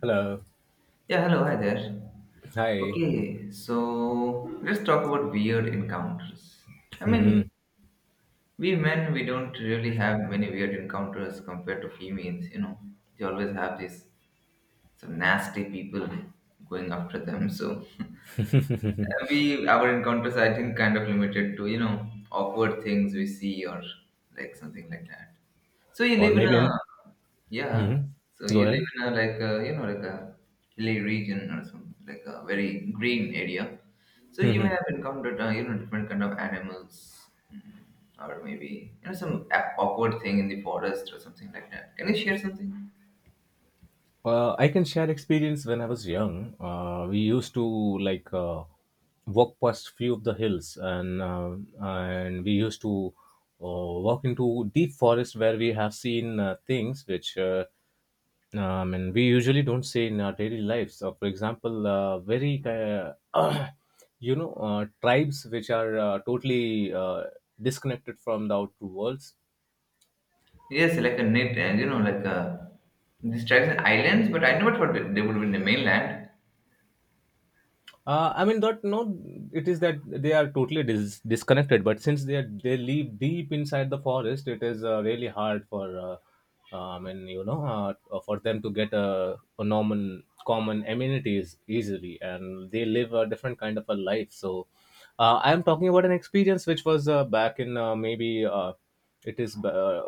Hello. Yeah, hello, hi there. Hi. Okay, so let's talk about weird encounters. I Hmm. mean, we men, we don't really have many weird encounters compared to females, you know. They always have these some nasty people going after them, so we our encounters I think kind of limited to awkward things we see or like something like that. So you Or live in maybe a an. yeah. Mhm. So Go you live ahead. in a like a, like a hilly region or some like a very green area. So you may have encountered you know different kind of animals or maybe you know some awkward thing in the forest or something like that. Can you share something? I can share experience when I was young. We used to like walk past few of the hills, and and we used to walk into deep forest where we have seen things which and we usually don't see in our daily lives. So, for example, very tribes which are totally disconnected from the outer worlds. Yes, like a net and you know like a these tribes in islands, but I never thought that they would be in the mainland. I mean, that no, it is that they are totally disconnected. But since they live deep inside the forest, it is really hard for, I mean, for them to get a normal common amenities easily, and they live a different kind of a life. So, I am talking about an experience which was back in maybe it is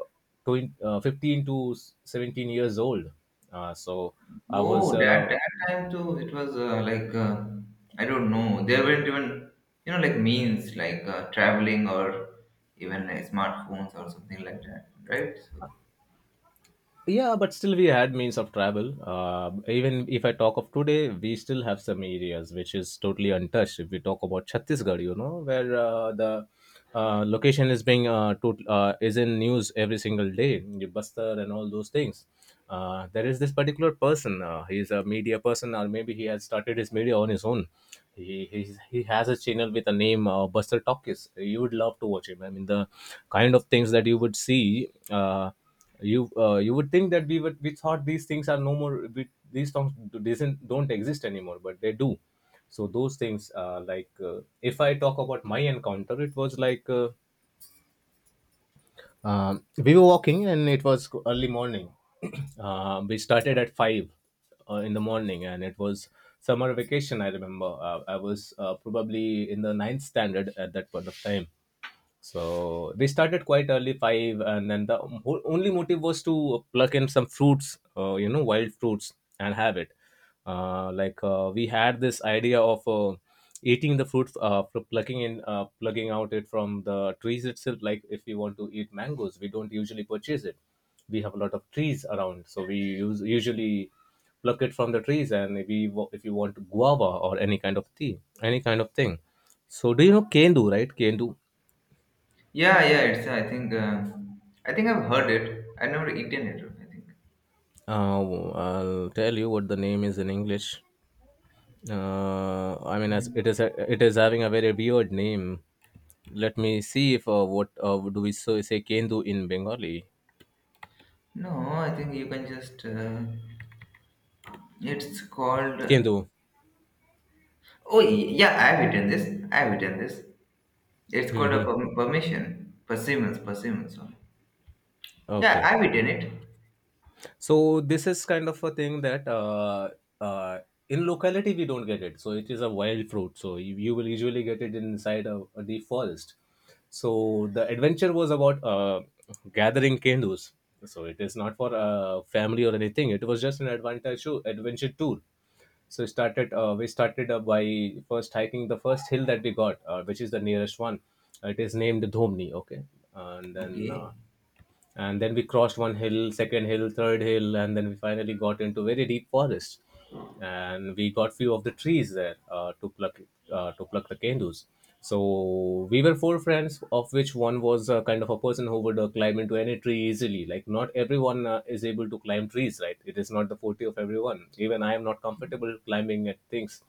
20, 15 to 17 years old. So I was Oh, that that time too, it was like I don't know. There weren't even you know like means like traveling or even smartphones or something like that, right? So yeah, but still we had means of travel, even if I talk of today, we still have some areas which is totally untouched. If we talk about Chhattisgarh, you know, where the location is in news every single day, the Bastar and all those things. There is this particular person, he's a media person, or maybe he has started his media on his own. He has a channel with a name, Buster Talkies. You would love to watch him. I mean, the kind of things that you would see, you would think that we thought these things are no more. These songs doesn't don't exist anymore, but they do. So those things, like, if I talk about my encounter, it was like, we were walking and it was early morning. We started at 5 in the morning, and it was summer vacation. I remember, I was probably in the ninth standard at that point of time. So they started quite early 5, and then the whole, only motive was to pluck in some fruits, wild fruits, and have it. Like, we had this idea of eating the fruit, plucking out it from the trees itself. Like if we want to eat mangoes, we don't usually purchase it. We have a lot of trees around, so usually pluck it from the trees. And if we wa- if you want guava or any kind of tea, any kind of thing. So do you know kendu, right? Kendu. yeah, yeah. It's I think I've heard it. I've never eaten it. I think I'll tell you what the name is in English. I mean, as it is having a very weird name. Let me see if what do we so say Kendu in Bengali? no. I think you can just. It's called. Kendu. Oh yeah, I've eaten this. I've eaten this. It's called a Hmm. Permission. Persimmons. Persimmons. Sorry. Yeah, Okay. I've eaten it. So this is kind of a thing that uh, in locality we don't get it. So it is a wild fruit. So you will usually get it inside a deep forest. So the adventure was about gathering kendus. So it is not for family or anything. It was just an adventure show, adventure tour. So we started by first hiking the first hill that we got, which is the nearest one. It is named Dhomni. Okay, and then. Uh, Okay. and then we crossed one hill, second hill, third hill, and then we finally got into very deep forest. And we got few of the trees there to pluck the candles. So we were four friends, of which one was a kind of a person who would climb into any tree easily. Like not everyone is able to climb trees, right? It is not the forte of everyone. Even I am not comfortable climbing at things.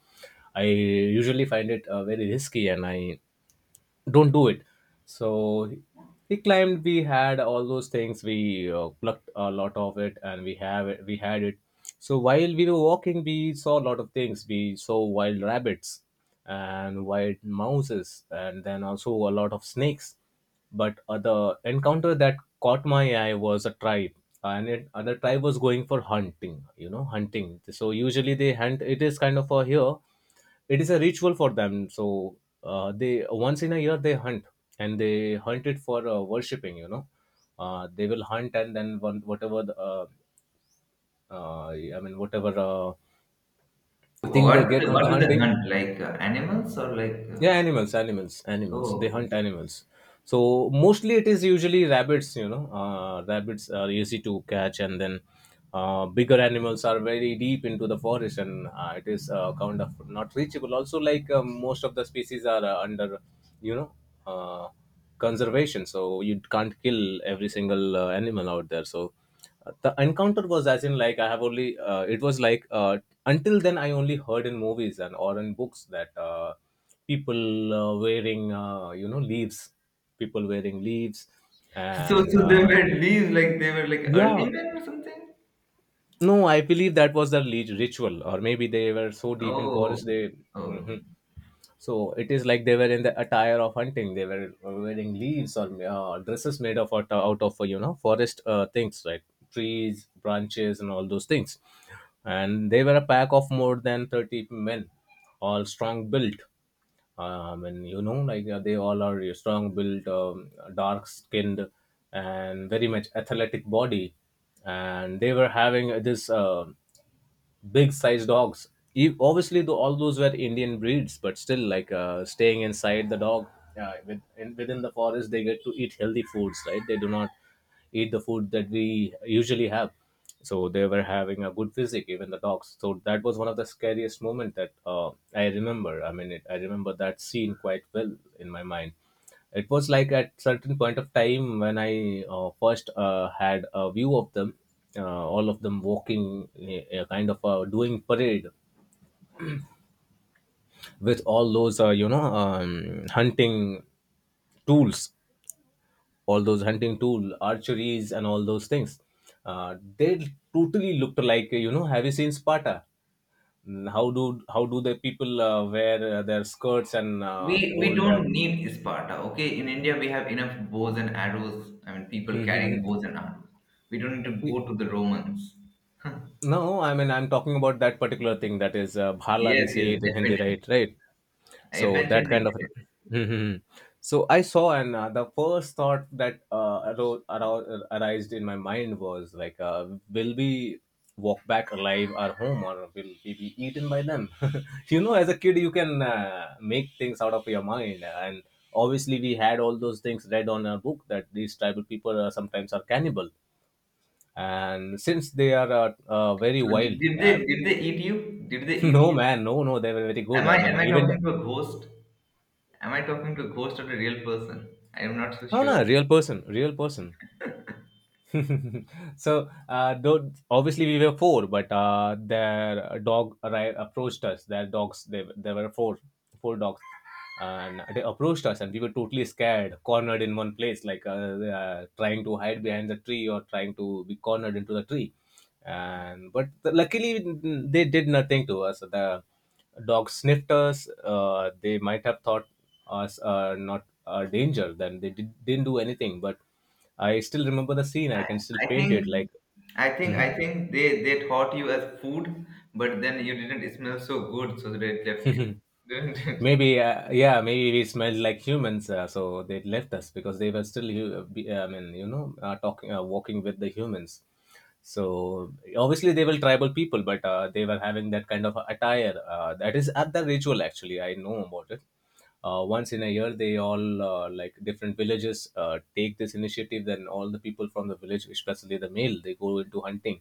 I usually find it very risky, and I don't do it. So he climbed, we had all those things, we plucked a lot of it, and we had it. So while we were walking, we saw a lot of things. We saw wild rabbits and wild mouses, and then also a lot of snakes. But the encounter that caught my eye was a tribe, and and the tribe was going for hunting, you know, hunting. So usually they hunt. It is kind of a here, it is a ritual for them. So they, once in a year, they hunt. And they hunt it for worshipping. They will hunt, and then I mean, whatever thing they What do get they on the what do they hunting. hunt? Like, animals or like, uh Yeah, animals, animals, animals, they Oh, okay. hunt animals. So mostly it is usually rabbits, you know, rabbits are easy to catch. And then bigger animals are very deep into the forest, and it is kind of not reachable also, like most of the species are under, you know, uh, conservation, so you can't kill every single animal out there. So the encounter was, as in like, I have only it was like, until then I only heard in movies and or in books that people wearing leaves, people wearing leaves, So and so they were leaves, like, they were like yeah, early men or something? no, I believe that was the ritual, or maybe they were so deep in Oh, forest they... okay. Oh. Mhm. So it is like they were in the attire of hunting. They were wearing leaves or dresses made of out of, you know, forest things, right? Trees, branches, and all those things. And they were a pack of more than 30 men, all strong built. And, you know, like they all are strong built, dark skinned, and very much athletic body. And they were having this, big size dogs. Obviously, though, all those were Indian breeds, but still, like staying inside the dog, within the forest, they get to eat healthy foods, right? They do not eat the food that we usually have. So they were having a good physique, even the dogs. So that was one of the scariest moment that I remember. I mean, I remember that scene quite well in my mind. It was like at certain point of time when I first had a view of them, all of them walking, a kind of doing parade with all those hunting tools, all those hunting tool archeries and all those things. They totally looked like. Have you seen Sparta? How do the people wear their skirts and We hold don't need Sparta, okay? In India, we have enough bows and arrows. I mean, people carrying that? bows and arrows. We don't need to go to the Romans. No, I mean, I'm talking about that particular thing that is bhala. We Yes, yes, say it in Hindi, definitely. right? Right. I So that eventually kind get of. it. Mhm. So I saw, and the first thought that arised in my mind was like, will we walk back alive our home, or will we be eaten by them? As a kid, you can make things out of your mind, and obviously we had all those things read on our book that these tribal people sometimes are cannibal, and since they are very So did wild, did they did they eat you? Did they eat no, you? man, no, no, they were very good. Am I I mean, am I even... talking to a ghost? Am I talking to a ghost or a real person? I am not so No, no, sure. real person, real person. So though obviously we were four, but their dog approached us. Their dogs, there were four dogs, and they approached us, and we were totally scared, cornered in one place, like they are trying to hide behind the tree, or trying to be cornered into the tree. And but luckily they did nothing to us. The dogs sniffed us. They might have thought us not a danger. Then they didn't do anything, but I still remember the scene. I can still I paint think, it like. I Mhm. think they taught you as food, but then you didn't smell so good, so that it left you, didn't it? maybe, yeah, maybe we smelled like humans, so they left us because they were still I mean, you know, talking, walking with the humans. So obviously they were tribal people, but they were having that kind of attire, that is at the ritual. Actually, I know about it. Once in a year they all, like, different villages, take this initiative. Then all the people from the village, especially the male, they go into hunting.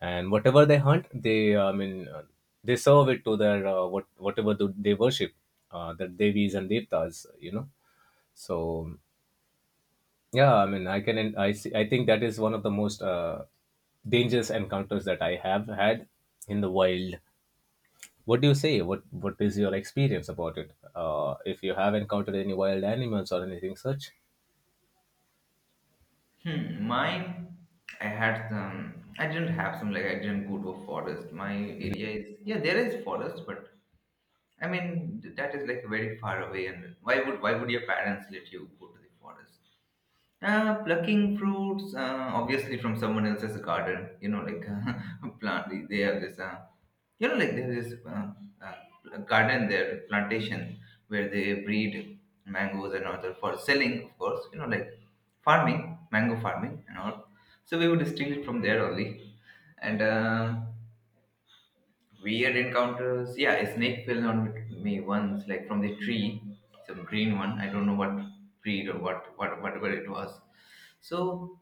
And whatever they hunt, they I mean they serve it to their, what, whatever do they worship, their devis and devtas, you know. So yeah, I mean, I can. I see. I think that is one of the most dangerous encounters that I have had in the wild. What do you say? What is your experience about it, if you have encountered any wild animals or anything such? Hmm, mine, I had some. I didn't have some like I didn't go to a forest. My area is yeah, there is forest, but I mean that is like very far away. And why would your parents let you go to the forest? Plucking fruits, obviously from someone else's garden. You know, like plant. They have this, you know, like there is garden there, plantation where they breed mangoes and all that for selling, of course. You know, like farming, mango farming and all. So we would steal it from there only. And weird encounters. Yeah, a snake fell on me once, like from the tree, some green one. I don't know what breed or what, whatever it was. So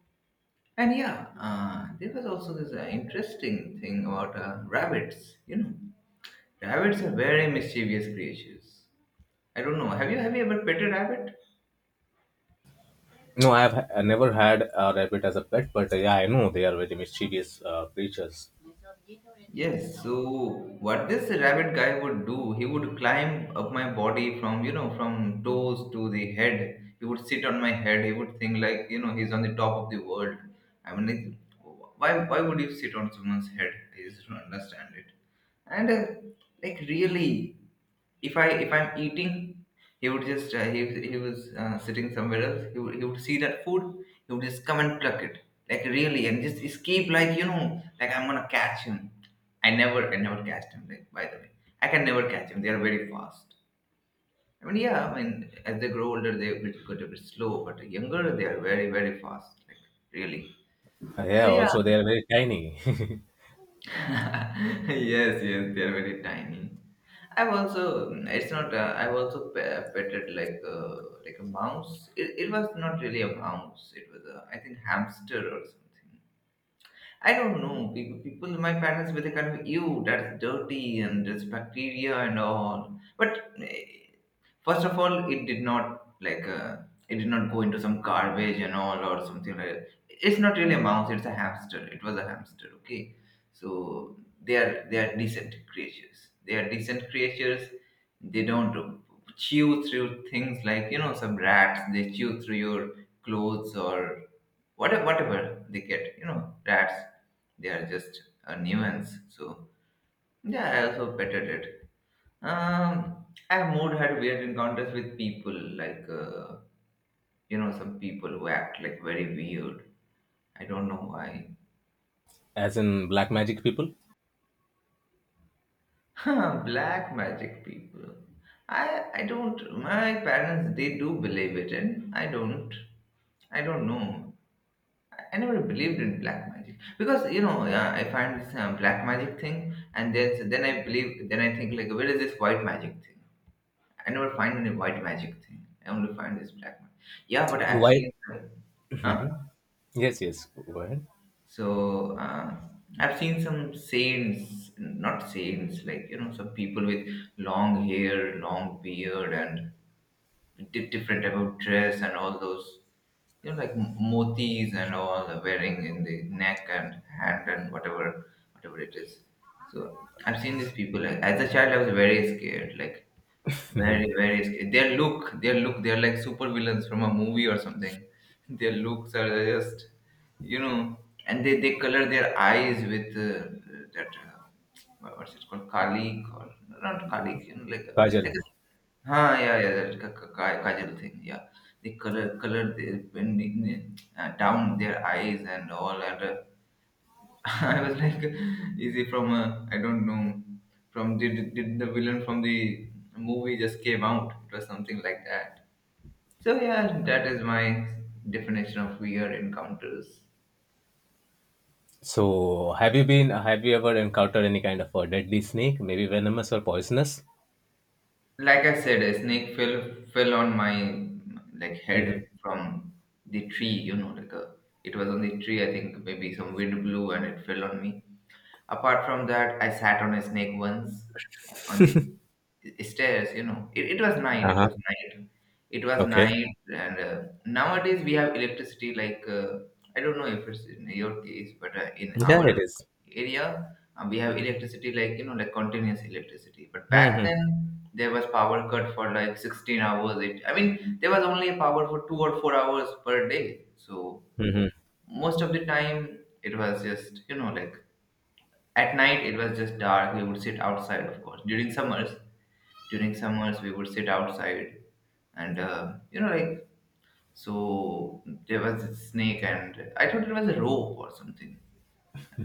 and yeah, there was also this interesting thing about rabbits. You know, rabbits are very mischievous creatures. I don't know. Have you ever pet a rabbit? No, I never had a rabbit as a pet, but yeah, I know they are very mischievous creatures. Yes. So what this rabbit guy would do? He would climb up my body from you know from toes to the head. He would sit on my head. He would think like you know he's on the top of the world. I mean, like, why would you sit on someone's head? I just don't understand it. And like really if I'm eating he would just he was sitting somewhere else he would see that food he would just come and pluck it like really and just escape like you know like I'm gonna catch him I never catch him like by the way I can never catch him. They are very fast. I mean yeah, I mean as they grow older they get a bit slow but younger they are very very fast like really so Yeah, yeah. also they are very tiny. Yes, yes, they are very tiny. I've also it's not I've also petted like a mouse. It was not really a mouse. It was a I think hamster or something. I don't know. People my parents were the kind of you that's dirty and there's bacteria and all. But eh, first of all it did not like it did not go into some garbage and all or something like that. It's not really a mouse, it's a hamster, it was a hamster. Okay, so they are decent creatures, they are decent creatures. They don't chew through things like you know some rats, they chew through your clothes or whatever they get, you know rats, they are just a nuisance. So yeah, I also petted it. I've more had weird encounters with people, like you know, some people who act like very weird. I don't know why. As in black magic people? Black magic people. I don't. My parents they do believe it, and I don't. I don't know. I never believed in black magic because you know yeah, I find this black magic thing, and then so then I believe. Then I think like, where is this white magic thing? I never find any white magic thing. I only find this black magic. Yeah, but I've Why? seen. Huh? Mhm. Yes, yes. Go ahead. So I've seen some saints, not saints, like you know, some people with long hair, long beard, and different type of dress, and all those, you know, like motis and all the wearing in the neck and hand and whatever, whatever it is. So I've seen these people. Like, as a child, I was very scared, like very, very scared. Their look, they're like super villains from a movie or something. Their looks are just you know, and they color their eyes with that what- what's it called, kalik or not kalik, you know, Kajal. like a huh, yeah, yeah, that kajal thing, yeah. They color their down their eyes and all, and I was like, is it from I don't know, from did the villain from the movie just came out? It was something like that. So yeah, that is my definition of weird encounters. So, have you been? Have you ever encountered any kind of a deadly snake, maybe venomous or poisonous? Like I said, a snake fell on my like Hmm. head from the tree. You know, like a, it was on the tree. I think maybe some wind blew and it fell on me. Apart from that, I sat on a snake once on the stairs. You know, it was night. Uh It huh. was night. It was Okay. night, and nowadays we have electricity. Like I don't know if it's in your case, but in Yeah, it our is. area we have electricity, like you know, like continuous electricity. But back Mm-hmm. then there was power cut for like 16 hours. It, I mean, there was only power for 2 or 4 hours per day. So Mm-hmm. most of the time it was just you know like at night it was just dark. We would sit outside, of course. During summers we would sit outside, and you know, like so there was a snake, and I thought it was a rope or something.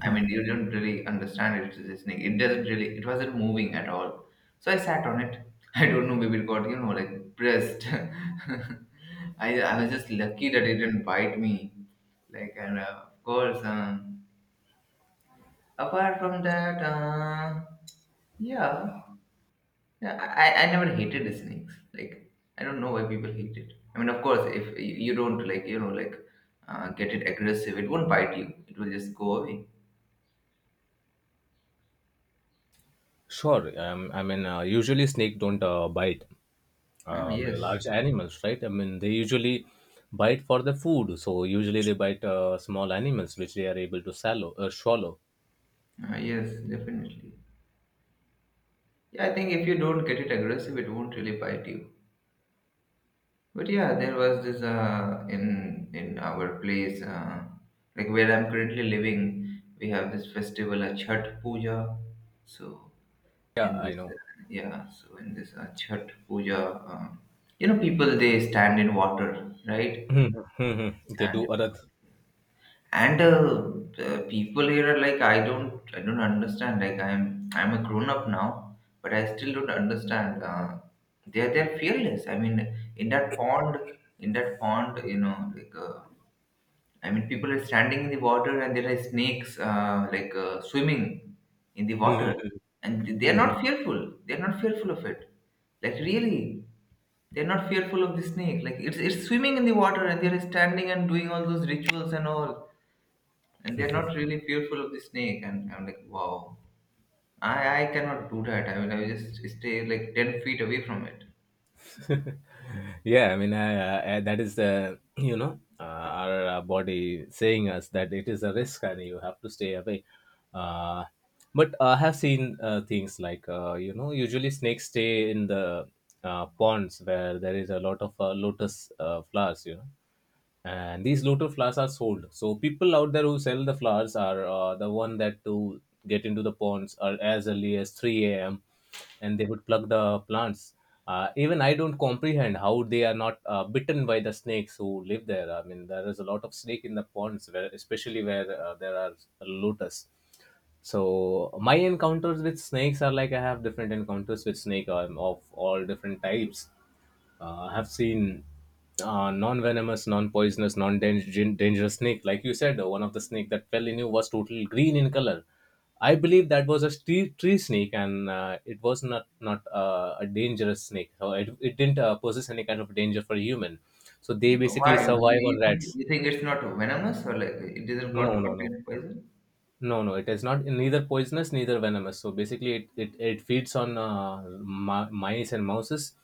I mean, you don't really understand it is a snake. It doesn't really. It wasn't moving at all. So I sat on it. I don't know. Maybe it got you know like pressed. I was just lucky that it didn't bite me. Like and of course, apart from that, yeah. Yeah, I never hated snakes. Like, I don't know why people hate it. I mean, of course, if you don't like, you know, like, get it aggressive, it won't bite you. It will just go away. Sure. I mean, usually snake don't bite. Ah, I mean, yes. large animals, right? I mean, they usually bite for the food. So usually they bite small animals, which they are able to swallow. Swallow. Ah, yes, definitely. Yeah, I think if you don't get it aggressive, it won't really bite you. But yeah, there was this in our place, like where I'm currently living, we have this festival, a Chhat Puja. So Yeah, in I this know. Yeah so in this chat puja uh, you know people they stand in water right Mhm, mhm. They do and other. And the people here are like I don't understand like I'm a grown up now but I still don't understand they're fearless. I mean in that pond, in that pond you know like I mean, people are standing in the water and there are snakes like swimming in the Mhm, water, and they are mhm, not fearful. They are not fearful of it. Like really, they are not fearful of the snake. Like it's swimming in the water and they are standing and doing all those rituals and all, and they are not really fearful of the snake. And I'm like, wow, I cannot do that. I mean, I will just stay like 10 feet away from it. mhm. Yeah, I mean, that is the, our body saying us that it is a risk and you have to stay away. Uh, but I have seen things like, usually snakes stay in the ponds where there is a lot of lotus flowers. You know, and these lotus flowers are sold, so people out there who sell the flowers are the one that to get into the ponds are as early as 3 a.m. And they would pluck the plants. Even I don't comprehend how they are not bitten by the snakes who live there. I mean, there is a lot of snake in the ponds, where especially where there are lotus. So my encounters with snakes are, like, I have different encounters with snake, of all different types. I have seen non-venomous, non-poisonous, non-dangerous snake. Like you said, one of the snake that fell in you was totally green in color. I believe that was a tree snake, and it was not a dangerous snake. So it didn't possess any kind of danger for human. So they basically Why? You, survive on you, think, rats. you think it's not venomous or like it doesn't No, con- no, no. contain poison? No, no, it is not neither poisonous, neither venomous. So basically, it feeds on mice and mouses,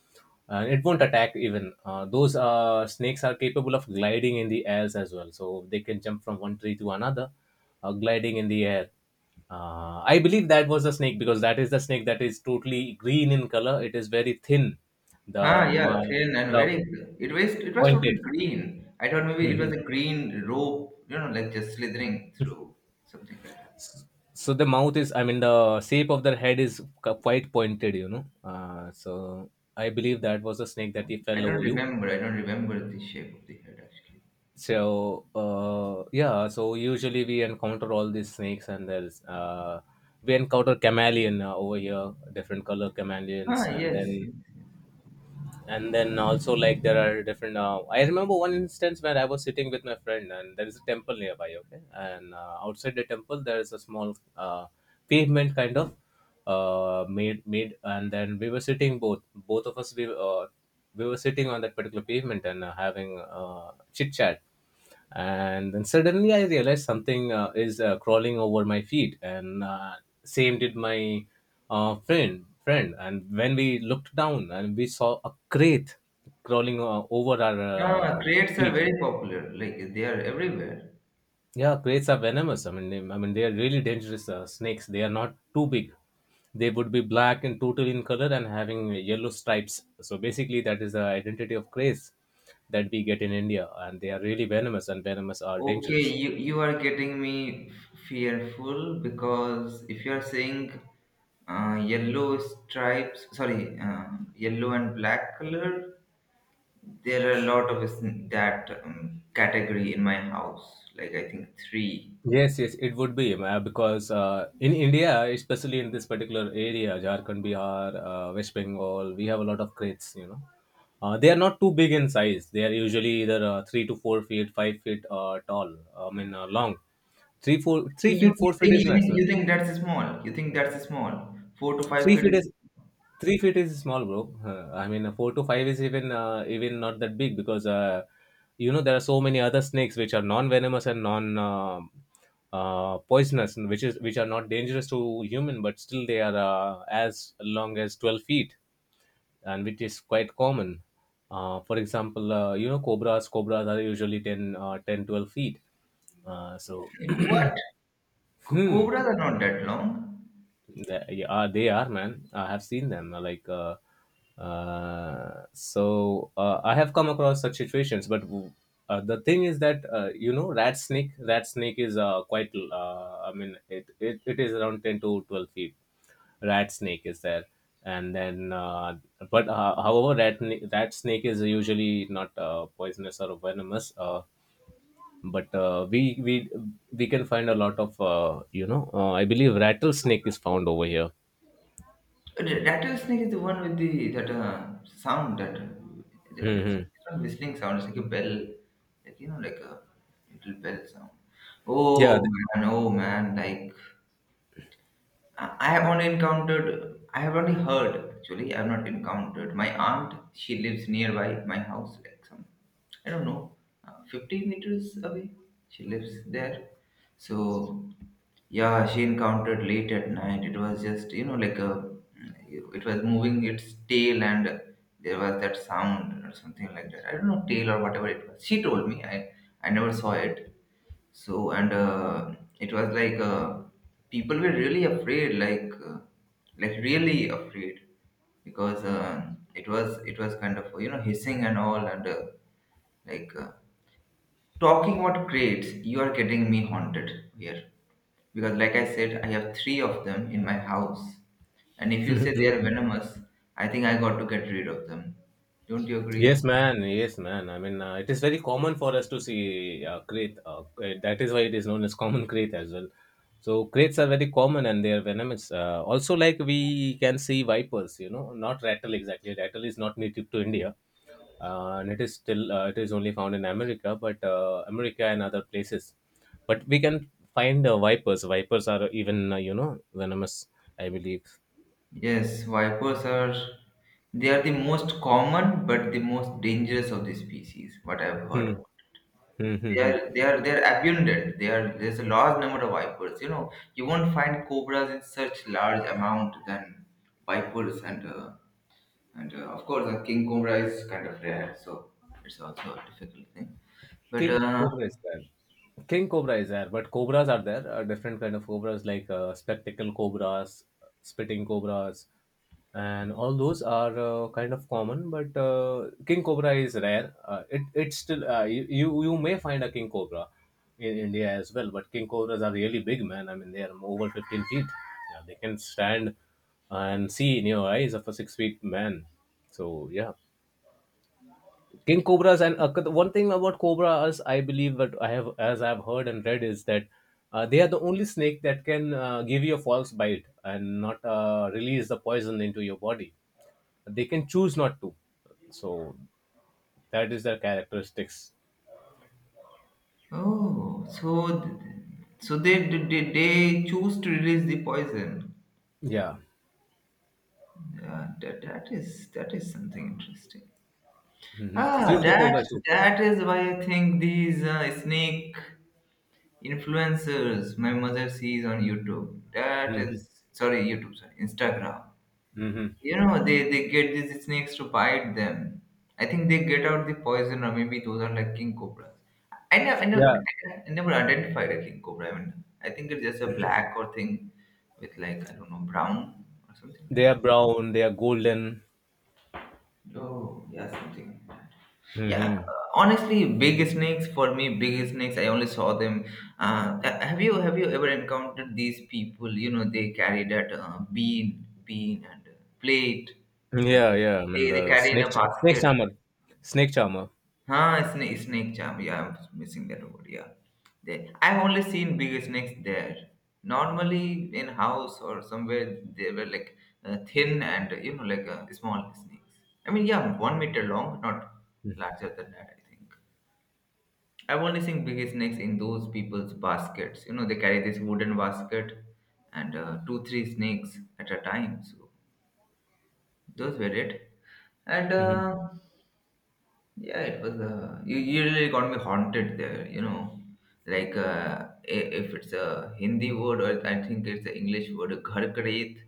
and it won't attack even. Those snakes are capable of gliding in the airs as well, so they can jump from one tree to another, gliding in the air. I believe that was the snake, because that is the snake that is totally green in color. It is very thin, Ah, the yeah, ma- thin and the very. It was totally pointed. green. I thought maybe it was a green rope, like just slithering through something like that. S- so the mouth is, I mean, the shape of their head is quite pointed, you know. So I believe that was a snake that he I fell don't over you. remember. I don't remember the shape of the head actually. So uh, yeah so usually we encounter all these snakes, and there's we encounter chameleon over here, different color Ah, chameleons. and yes, then yes, yes. and then also, like, there are different, I remember one instance where I was sitting with my friend and there is a temple nearby, okay, and outside the temple there is a small pavement kind of made. And then we were sitting, both of us, we, we were sitting on that particular pavement and, having chit chat. And then suddenly I realized something is crawling over my feet, and same did my uh, friend friend. And when we looked down, and we saw a crate crawling over our Ah, crates are feet. very popular. Like they are everywhere. Yeah, crates are venomous. I mean, they are really dangerous snakes. They are not too big. They would be black and total in color, and having yellow stripes. So basically, that is the identity of crates that we get in India. And they are really venomous, and venomous are Okay, dangerous. you are getting me fearful because if you are saying yellow stripes, sorry, yellow and black color. There are a lot of us in that category in my house. Like I think three. Yes, yes, it would be, because in India, especially in this particular area, Jharkhand, Bihar, West Bengal, we have a lot of crates. You know, they are not too big in size. They are usually either 3 to 4 feet, 5 feet tall. I mean, long. Three You, feet, you 4 feet think is you think maximum. you think that's small? You think that's small? Four to five Three feet feet is is 3 feet is small, bro. I mean, four to five is even, even not that big, because you know there are so many other snakes which are non-venomous and non poisonous, and which are not dangerous to human, but still they are as long as 12 feet, and which is quite common. For example, you know, cobras. Cobras are usually 10, 10 12 feet. So, what? Co- hmm. cobras are not that long. Yeah, they are, man. I have seen them. Like, I have come across such situations. But the thing is that, you know, rat snake. Rat snake is quite. I mean, it is around 10 to 12 feet. Rat snake is there, and then but however, rat snake is usually not poisonous or venomous. But we can find a lot of you know. I believe rattlesnake is found over here. The Rattlesnake is the one with the that sound that it's Hmm. not whistling sound. It's like a bell, like a little bell sound. Yeah. Oh man, like I have only encountered, I have only heard actually, I have not encountered. My aunt, she lives nearby my house, like some, I don't know, 50 meters away. She lives there. So, yeah, she encountered late at night. It was just, it was moving its tail and there was that sound or something like that. I don't know, tail or whatever it was. She told me, I never saw it. So, and it was like people were really afraid, like really afraid, because it was kind of hissing and all, and like talking what crates you are getting me haunted here, because like I said, I have three of them in my house, and if you say they are venomous, I think I got to get rid of them. Don't you agree? Yes, man. Yes, man. I mean, it is very common for us to see crate. That is why it is known as common crate as well. So crates are very common and they are venomous. Also, like, we can see vipers. You know, not rattle exactly. Rattle is not native to India, and it is still, it is only found in America, but America and other places. But we can find vipers. Vipers are even, you know, venomous. I believe. Yes, vipers are the most common but the most dangerous of the species, what I've heard Hmm. about. Hmm. Hmm, They hmm. are they are they're abundant. They are There's a large number of vipers. You know, you won't find cobras in such large amount than vipers and of course a king cobra is kind of rare, so it's also a difficult thing. But King Cobra is there. King Cobra is there, but cobras are there. Different kind of cobras, like spectacle cobras, spitting cobras, and all those are kind of common. But king cobra is rare. It's still, you may find a king cobra in India as well. But king cobras are really big, man. I mean, they are over 15 feet. Yeah, they can stand and see in your eyes of a 6 feet man. So yeah, King Cobras, and the one thing about cobras, I believe that I have, as I've heard and read, is that they are the only snake that can give you a false bite and not release the poison into your body. They can choose not to. So that is their characteristics. oh, so they choose to release the poison. Yeah. Yeah, that is something interesting. Hmm. Few Ah, of the that cobras too. that is why I think these snake influencers my mother sees on YouTube. That Hmm. is sorry, YouTube, sorry, Instagram. Hmm. You know, they get these snakes to bite them. I think they get out the poison, or maybe those are like king cobras. I never, I never, Yeah. I never identified a king cobra. I mean, I think it's just a black or thing with like I don't know brown or something like They are that. brown. They are golden. Oh, yeah, something. Yeah, Hmm. honestly, big snakes for me, big snakes. I only saw them. Have you ever encountered these people? You know, they carry that bean and plate, and Yeah. Yeah. I mean, they the carry in snake a snake basket. charmer. Snake charmer. Huh? Snake, snake charm. Yeah, I'm missing that word. Yeah, they. I've only seen big snakes there. Normally, in house or somewhere, they were like thin and like small snakes. I mean, yeah, 1 meter long, not larger than that. I think. I've only seen biggest snakes in those people's baskets. You know, they carry this wooden basket and two, three snakes at a time. So those were it. And Hmm. Yeah, it was. You really got me haunted there. You know, like if it's a Hindi word or I think it's the English word gharkret.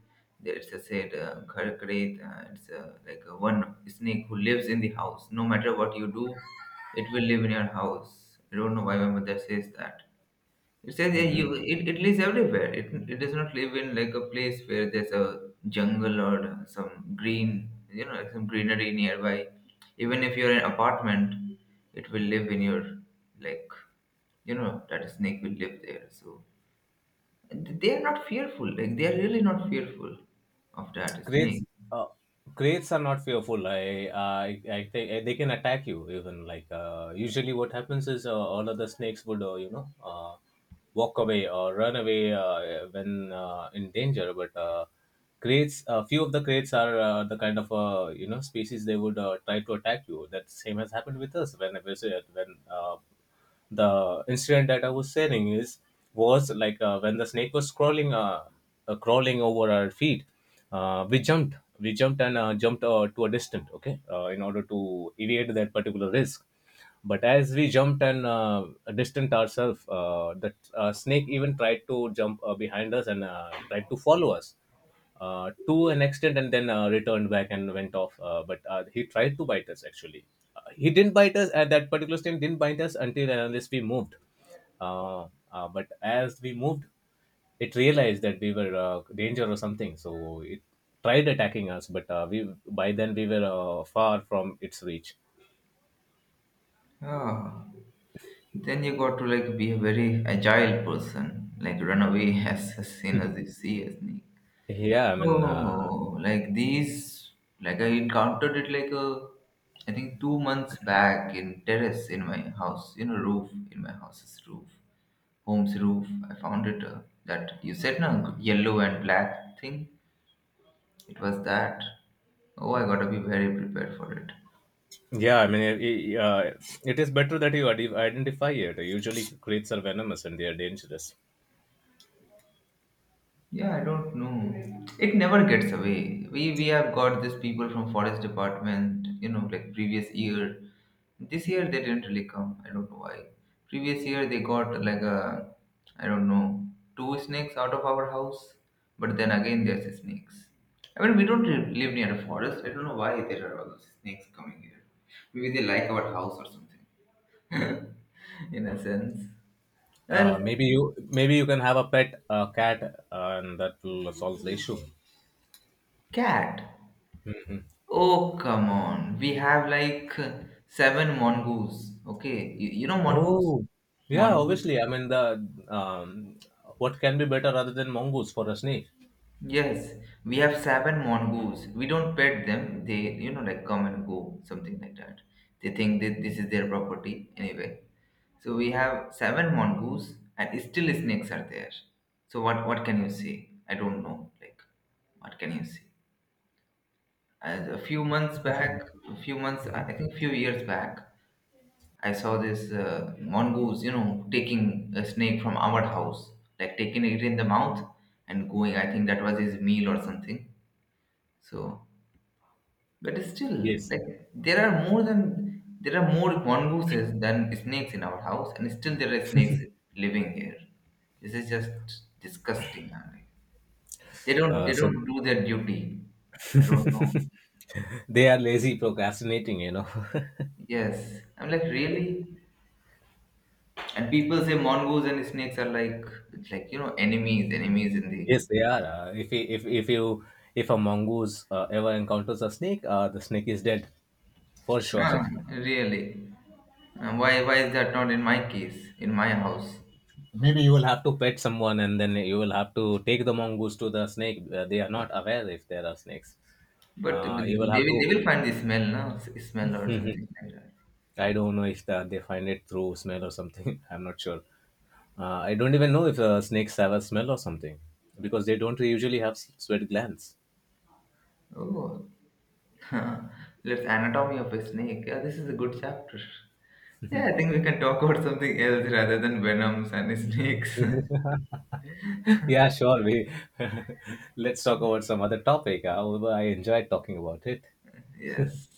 It's a said gharkret. It's like one snake who lives in the house. No matter what you do, it will live in your house. I don't know why my mother says that it says yeah, you Hmm. it lives everywhere. It does not live in like a place where there's a jungle or some green, you know, like some greenery nearby. Even if you're in an apartment, it will live in your like, you know, that snake will live there. So and they are not fearful. Like they are really not fearful of that Crates, snake. uh, crates are not fearful. I think, they can attack you even. Like usually, what happens is all of the snakes would, you know, walk away or run away when in danger. But crates, a few of the crates are the kind of you know species they would try to attack you. That same has happened with us when, the incident that I was saying is was like, when the snake was crawling, crawling over our feet. We jumped and jumped to a distance, okay, in order to evade that particular risk. But as we jumped and distant ourselves, the snake even tried to jump behind us and tried to follow us to an extent and then returned back and went off. But he tried to bite us, actually. He didn't bite us at that particular time, didn't bite us until and unless we moved. But as we moved, it realized that we were danger or something. So it tried attacking us, but we by then we were far from its reach. Ah, then you got to like be a very agile person, like run away as soon as you see a snake. Yeah, I mean, uh, Oh, like these, like I encountered it like a, I think 2 months back in terrace in my house, you know, roof in my house's roof, home's roof. I found it that you said no yellow and black thing. It was that. Oh, I gotta be very prepared for it. yeah, I mean, it is better that you identify it. Usually, creatures are venomous and they are dangerous. Yeah, I don't know. It never gets away. We have got these people from forest department, you know, like previous year. This year they didn't really come. I don't know why. Previous year they got like a, I don't know, two snakes out of our house. But then again there's snakes. I mean we don't live near a forest. I don't know why there are all those snakes coming here. Maybe they like our house or something. In a sense. Well, Maybe you can have a pet cat, and that will solve the issue. cat. Oh, come on. We have like seven mongoose. Okay. You know mongoose? Oh, yeah, Mongoose? obviously. I mean, the what can be better other than mongoose for a snake? Yes. We have seven mongoose. We don't pet them. They, you know, like come and go, something like that. They think that this is their property anyway. So we have seven mongoose and still snakes are there. So what can you say? I don't know. Like, what can you say? As a few months back, a few months, Mhm. I think few years back, I saw this mongoose, you know, taking a snake from our house, like taking it in the mouth and going. I think that was his meal or something. So, but it's still, Yes. like, there are more mongooses than snakes in our house, and still there are snakes living here. This is just disgusting. I'm like, they don't Uh, they so don't do their duty. I don't know. they are lazy, procrastinating. You know. Yes, I'm like really, and people say mongoose and snakes are like enemies, in the... Yes, they are. If a mongoose ever encounters a snake, the snake is dead for sure. Ah, really? Why is that not in my case, in my house? Maybe you will have to pet someone and then you will have to take the mongoose to the snake. They are not aware if there are snakes. But they will, You will have to, they will find the smell, no? Smell or something like that. I don't know if they find it through smell or something. I'm not sure. I don't even know if snakes have a smell or something, because they don't usually have sweat glands. Oh, let's anatomy of a snake. Yeah, this is a good chapter. Yeah, I think we can talk about something else rather than venoms and snakes. Yeah, sure. We let's talk about some other topic. However, I enjoyed talking about it. Yes.